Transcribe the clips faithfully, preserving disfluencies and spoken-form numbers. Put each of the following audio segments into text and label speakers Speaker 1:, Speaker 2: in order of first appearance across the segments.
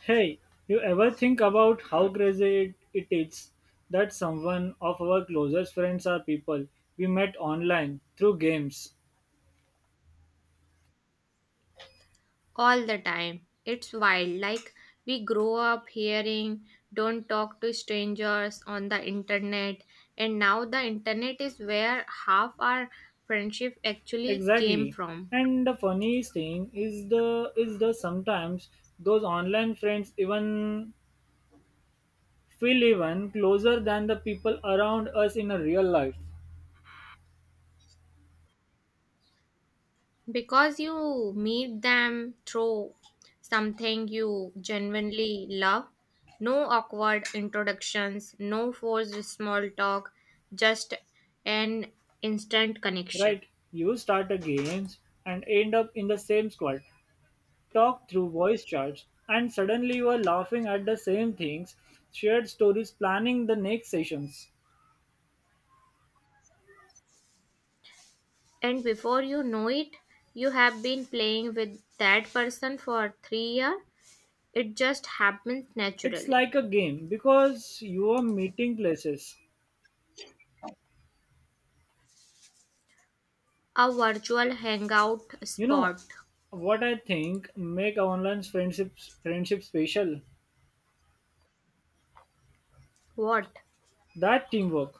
Speaker 1: Hey, you ever think about how crazy it, it is that someone of our closest friends are people we met online through games?
Speaker 2: All the time. It's wild. Like, we grow up hearing, don't talk to strangers on the internet, and now the internet is where half our friendship actually came
Speaker 1: Exactly.
Speaker 2: from.
Speaker 1: And the funniest thing is the is the sometimes those online friends even feel even closer than the people around us in a real life.
Speaker 2: Because you meet them through something you genuinely love, no awkward introductions, no forced small talk, just an instant connection.
Speaker 1: Right? You start a games and end up in the same squad talk through voice chats, and suddenly you are laughing at the same things, shared stories, planning the next sessions.
Speaker 2: And before you know it, you have been playing with that person for three years. It just happens
Speaker 1: It's
Speaker 2: naturally.
Speaker 1: like a game because you are meeting places.
Speaker 2: A virtual hangout
Speaker 1: You know
Speaker 2: spot.
Speaker 1: what I think make online friendships friendship special?
Speaker 2: What?
Speaker 1: That teamwork,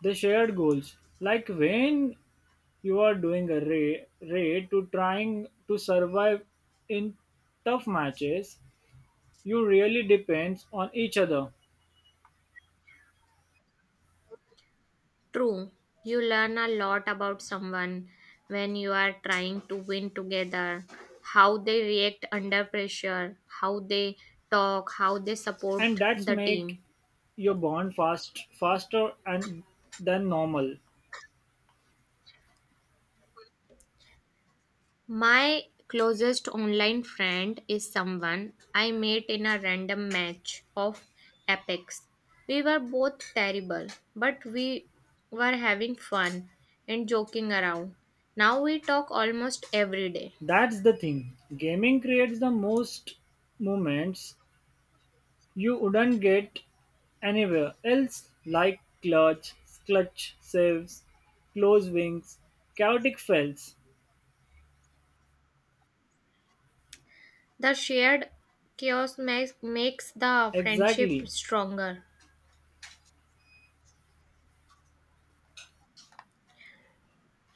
Speaker 1: the shared goals. Like when you are doing a raid, raid to trying to survive in tough matches, you really depends on each other.
Speaker 2: True. You learn a lot about someone when you are trying to win together, how they react under pressure, how they talk, how they support
Speaker 1: And that's
Speaker 2: the
Speaker 1: make
Speaker 2: team.
Speaker 1: your bond fast faster and than normal.
Speaker 2: My closest online friend is someone I met in a random match of Apex. We were both terrible, but we were having fun and joking around. Now we talk almost every day.
Speaker 1: That's the thing. Gaming creates the most moments you wouldn't get anywhere else like clutch, clutch saves, close wings, chaotic fells.
Speaker 2: The shared chaos makes, makes the friendship
Speaker 1: Exactly.
Speaker 2: stronger.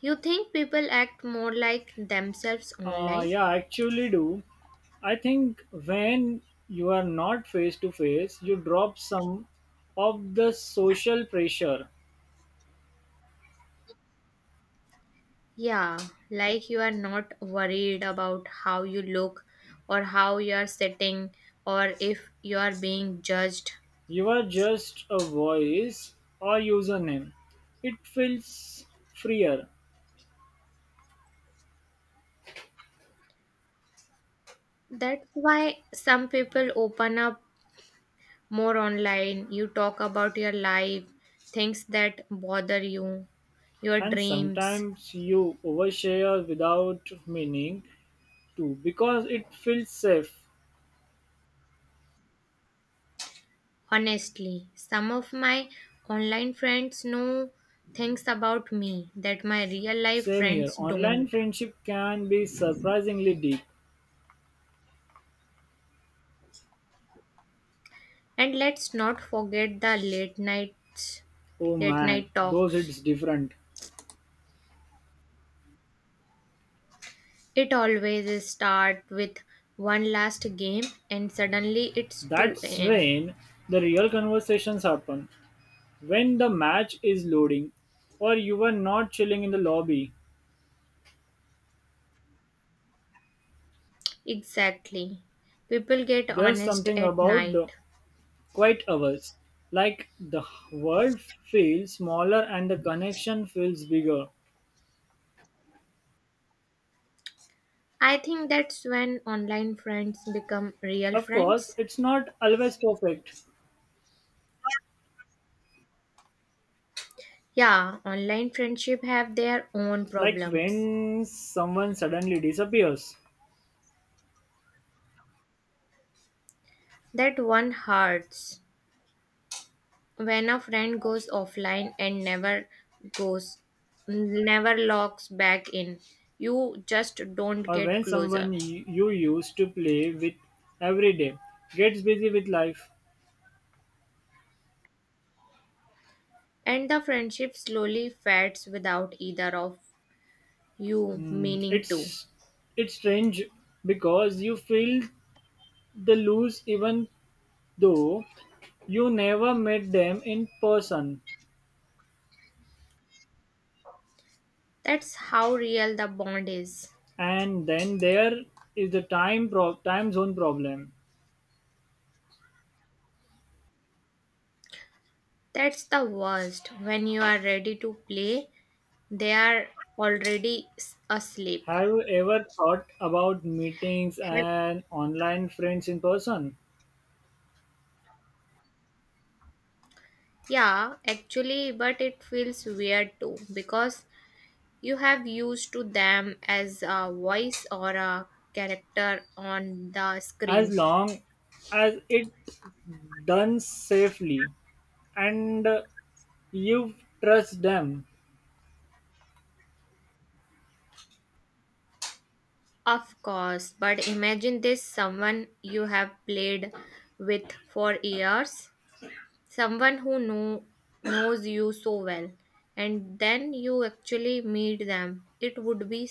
Speaker 2: You think people act more like themselves
Speaker 1: Uh,
Speaker 2: online?
Speaker 1: yeah, actually do. I think when you are not face to face, you drop some of the social pressure.
Speaker 2: Yeah, like you are not worried about how you look or how you are sitting or if you are being judged.
Speaker 1: You're just a voice or username. It feels freer,
Speaker 2: That's why some people open up more online. You talk about your life, things that bother you, your
Speaker 1: and
Speaker 2: dreams.
Speaker 1: sometimes you overshare without meaning to because it feels safe.
Speaker 2: Honestly, some of my online friends know things about me that my real life
Speaker 1: Same here.
Speaker 2: friends
Speaker 1: Online
Speaker 2: don't.
Speaker 1: friendship can be surprisingly deep.
Speaker 2: And let's not forget the late nights,
Speaker 1: Oh
Speaker 2: late
Speaker 1: man,
Speaker 2: night
Speaker 1: those
Speaker 2: talks.
Speaker 1: it's different.
Speaker 2: It always is start with one last game and suddenly it's 2
Speaker 1: That's
Speaker 2: a.m.
Speaker 1: when the real conversations happen. When the match is loading, or you are not chilling in the lobby.
Speaker 2: Exactly. People get
Speaker 1: There's
Speaker 2: honest
Speaker 1: something
Speaker 2: at
Speaker 1: about the
Speaker 2: night.
Speaker 1: quiet hours. Like the world feels smaller and the connection feels bigger.
Speaker 2: I think that's when online friends become real
Speaker 1: Of course,
Speaker 2: friends.
Speaker 1: it's not always perfect.
Speaker 2: Yeah, online friendship have their own
Speaker 1: Like
Speaker 2: problems.
Speaker 1: when someone suddenly disappears,
Speaker 2: That one hurts. When a friend goes offline and never goes, never logs back in, you just don't
Speaker 1: or
Speaker 2: get
Speaker 1: when someone
Speaker 2: closer.
Speaker 1: y- you used to play with every day gets busy with life.
Speaker 2: And the friendship slowly fades without either of you
Speaker 1: Hmm,
Speaker 2: meaning to.
Speaker 1: It's it's strange because you feel the lose even though you never met them in person.
Speaker 2: That's how real the bond is.
Speaker 1: And then there is the time pro- time zone problem.
Speaker 2: That's the worst. When you are ready to play, they are already s- asleep.
Speaker 1: Have you ever thought about meetings
Speaker 2: Have-
Speaker 1: and online friends in person?
Speaker 2: Yeah, actually, but it feels weird too because you have used to them as a voice or a character on the
Speaker 1: As
Speaker 2: screen.
Speaker 1: long as it done safely and uh, you trust them,
Speaker 2: Of course, but imagine this someone you have played with for years, someone who know, knows you so well, and then you actually meet them. It would be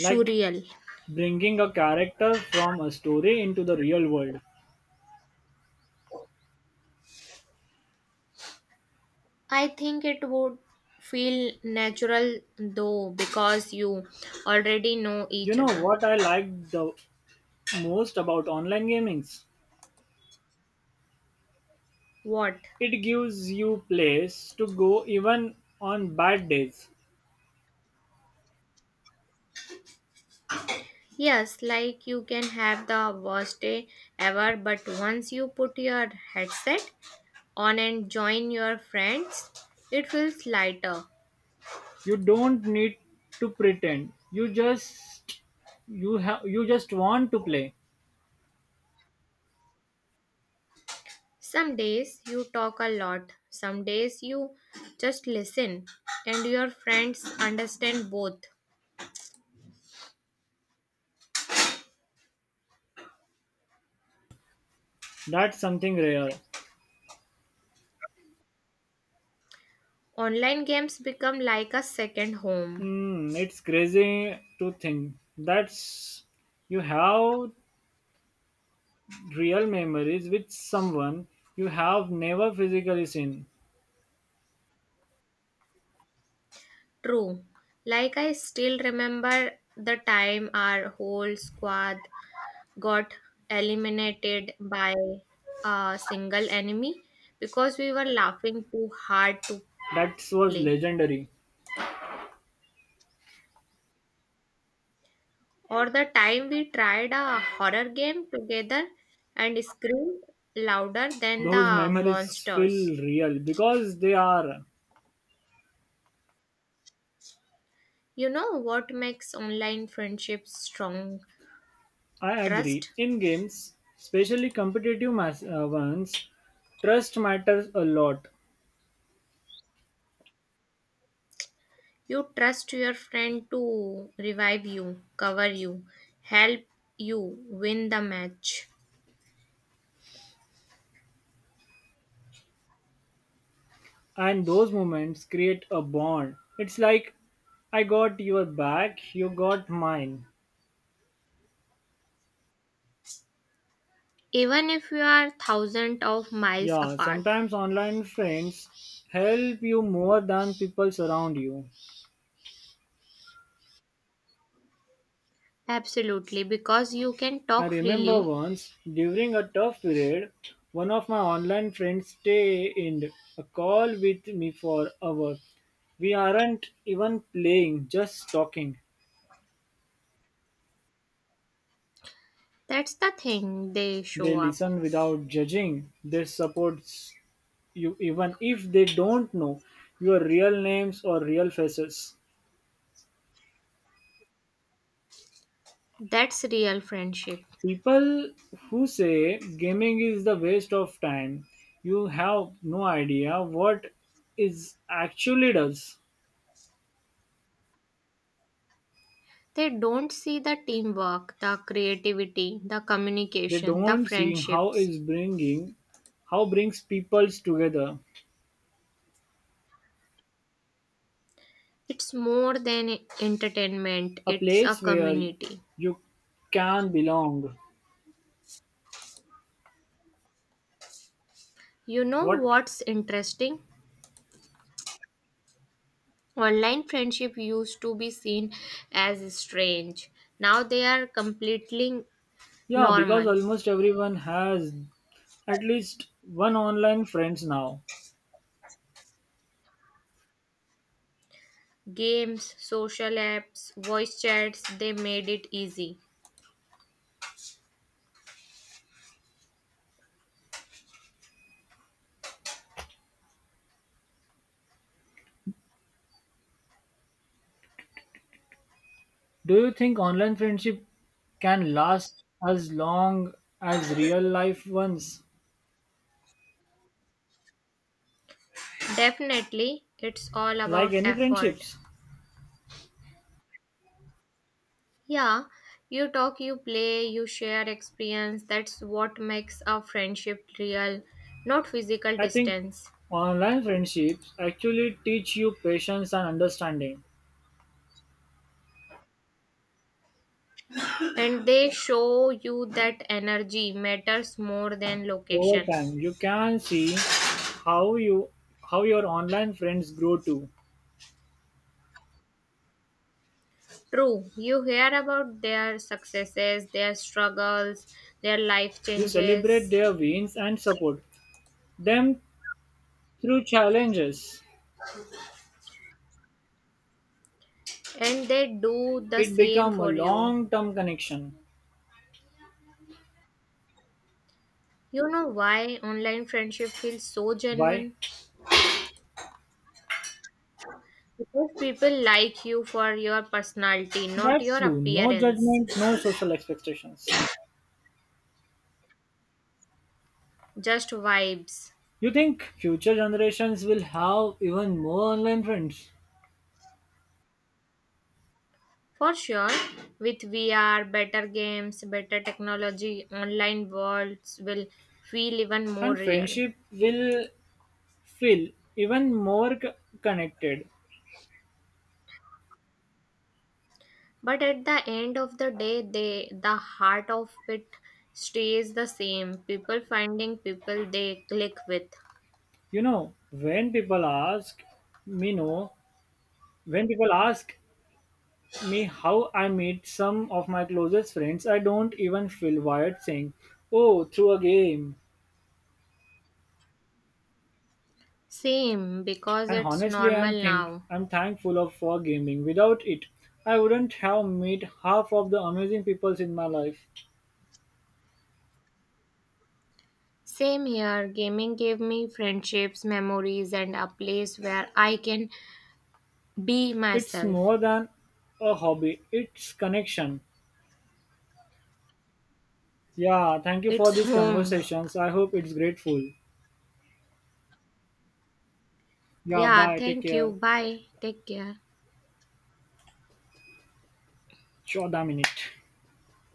Speaker 1: like
Speaker 2: surreal.
Speaker 1: bringing a character from a story into the real world.
Speaker 2: I think it would feel natural though because you already know
Speaker 1: You
Speaker 2: each
Speaker 1: know
Speaker 2: other.
Speaker 1: what I like the most about online gamings?
Speaker 2: What?
Speaker 1: It gives you place to go even on bad days.
Speaker 2: Yes, like you can have the worst day ever, but once you put your headset on and join your friends, it feels lighter.
Speaker 1: You don't need to pretend. You just you have you just want to play.
Speaker 2: Some days you talk a lot, some days you just listen, and your friends understand both.
Speaker 1: That's something rare.
Speaker 2: Online games become like a second home.
Speaker 1: Mm, it's crazy to think that's you have real memories with someone you have never physically seen.
Speaker 2: True. Like I still remember the time our whole squad got eliminated by a single enemy because we were laughing too hard to
Speaker 1: That was
Speaker 2: play.
Speaker 1: legendary.
Speaker 2: Or the time we tried a horror game together and screamed louder than
Speaker 1: Those
Speaker 2: the
Speaker 1: memories
Speaker 2: monsters.
Speaker 1: feel real because they are.
Speaker 2: You know what makes online friendships strong?
Speaker 1: I agree.
Speaker 2: Trust.
Speaker 1: In games, especially competitive mas- uh, ones, trust matters a lot.
Speaker 2: You trust your friend to revive you, cover you, help you win the match
Speaker 1: And those moments create a bond, it's like I got your back, you got mine.
Speaker 2: even if you are thousands of miles
Speaker 1: Yeah,
Speaker 2: apart.
Speaker 1: sometimes online friends help you more than people surround you.
Speaker 2: Absolutely, because you can
Speaker 1: I
Speaker 2: talk
Speaker 1: remember
Speaker 2: freely.
Speaker 1: once during a tough period one of my online friends stayed a call with me for hours, we aren't even playing just talking.
Speaker 2: That's the thing, they
Speaker 1: They
Speaker 2: show up.
Speaker 1: listen without judging. They support you even if they don't know your real names or real faces.
Speaker 2: That's real friendship.
Speaker 1: People who say gaming is the waste of time, you have no idea what is actually does.
Speaker 2: They don't see the teamwork, the creativity, the
Speaker 1: They
Speaker 2: communication, the
Speaker 1: don't see how
Speaker 2: friendships.
Speaker 1: is bringing how brings peoples together.
Speaker 2: It's more than entertainment,
Speaker 1: A
Speaker 2: it's a
Speaker 1: place where
Speaker 2: community.
Speaker 1: you can belong.
Speaker 2: You know
Speaker 1: What?
Speaker 2: what's interesting? Online friendship used to be seen as strange. Now they are completely
Speaker 1: Yeah, because
Speaker 2: normal.
Speaker 1: almost everyone has at least one online friends now.
Speaker 2: Games, social apps, voice chats, they made it easy.
Speaker 1: Do you think online friendship can last as long as real life ones?
Speaker 2: Definitely, it's all
Speaker 1: Like
Speaker 2: about
Speaker 1: any
Speaker 2: effort.
Speaker 1: friendships,
Speaker 2: Yeah, you talk, you play, you share experience. That's what makes a friendship real, not physical
Speaker 1: I think
Speaker 2: distance.
Speaker 1: online friendships actually teach you patience and understanding.
Speaker 2: And they show you that energy matters more than
Speaker 1: Over
Speaker 2: location.
Speaker 1: time, you can see how you how your online friends grow too.
Speaker 2: True, you hear about their successes, their struggles, their life
Speaker 1: You celebrate their
Speaker 2: changes,
Speaker 1: wins and support them through challenges.
Speaker 2: and they do the
Speaker 1: It
Speaker 2: same
Speaker 1: become a
Speaker 2: for you.
Speaker 1: long term connection.
Speaker 2: You know why online friendship feels so
Speaker 1: Why?
Speaker 2: genuine? Because people like you for your personality, not
Speaker 1: That's
Speaker 2: your
Speaker 1: true. No
Speaker 2: appearance,
Speaker 1: judgment, no social expectations.
Speaker 2: just vibes.
Speaker 1: You think future generations will have even more online friends,
Speaker 2: For sure, with V R, better games, better technology, online worlds will feel even more
Speaker 1: and
Speaker 2: real.
Speaker 1: friendship will feel even more c- connected.
Speaker 2: But at the end of the day, they, the heart of it stays the same. People finding people they click with.
Speaker 1: You know, when people ask me, no, when people ask me how I meet some of my closest friends, I don't even feel wired saying, "Oh, through a game."
Speaker 2: Same, because
Speaker 1: And
Speaker 2: it's
Speaker 1: honestly I'm
Speaker 2: normal
Speaker 1: think
Speaker 2: now.
Speaker 1: I'm thankful of for gaming. Without it, I wouldn't have met half of the amazing people in my life.
Speaker 2: Same here, gaming gave me friendships, memories, and a place where I can be
Speaker 1: It's
Speaker 2: myself.
Speaker 1: more than a hobby, it's connection. Yeah, thank you for
Speaker 2: It's
Speaker 1: these
Speaker 2: home.
Speaker 1: conversations. I hope it's grateful. Yeah,
Speaker 2: Yeah,
Speaker 1: bye, take
Speaker 2: thank you.
Speaker 1: care.
Speaker 2: Bye. Take care.
Speaker 1: Sure damn it.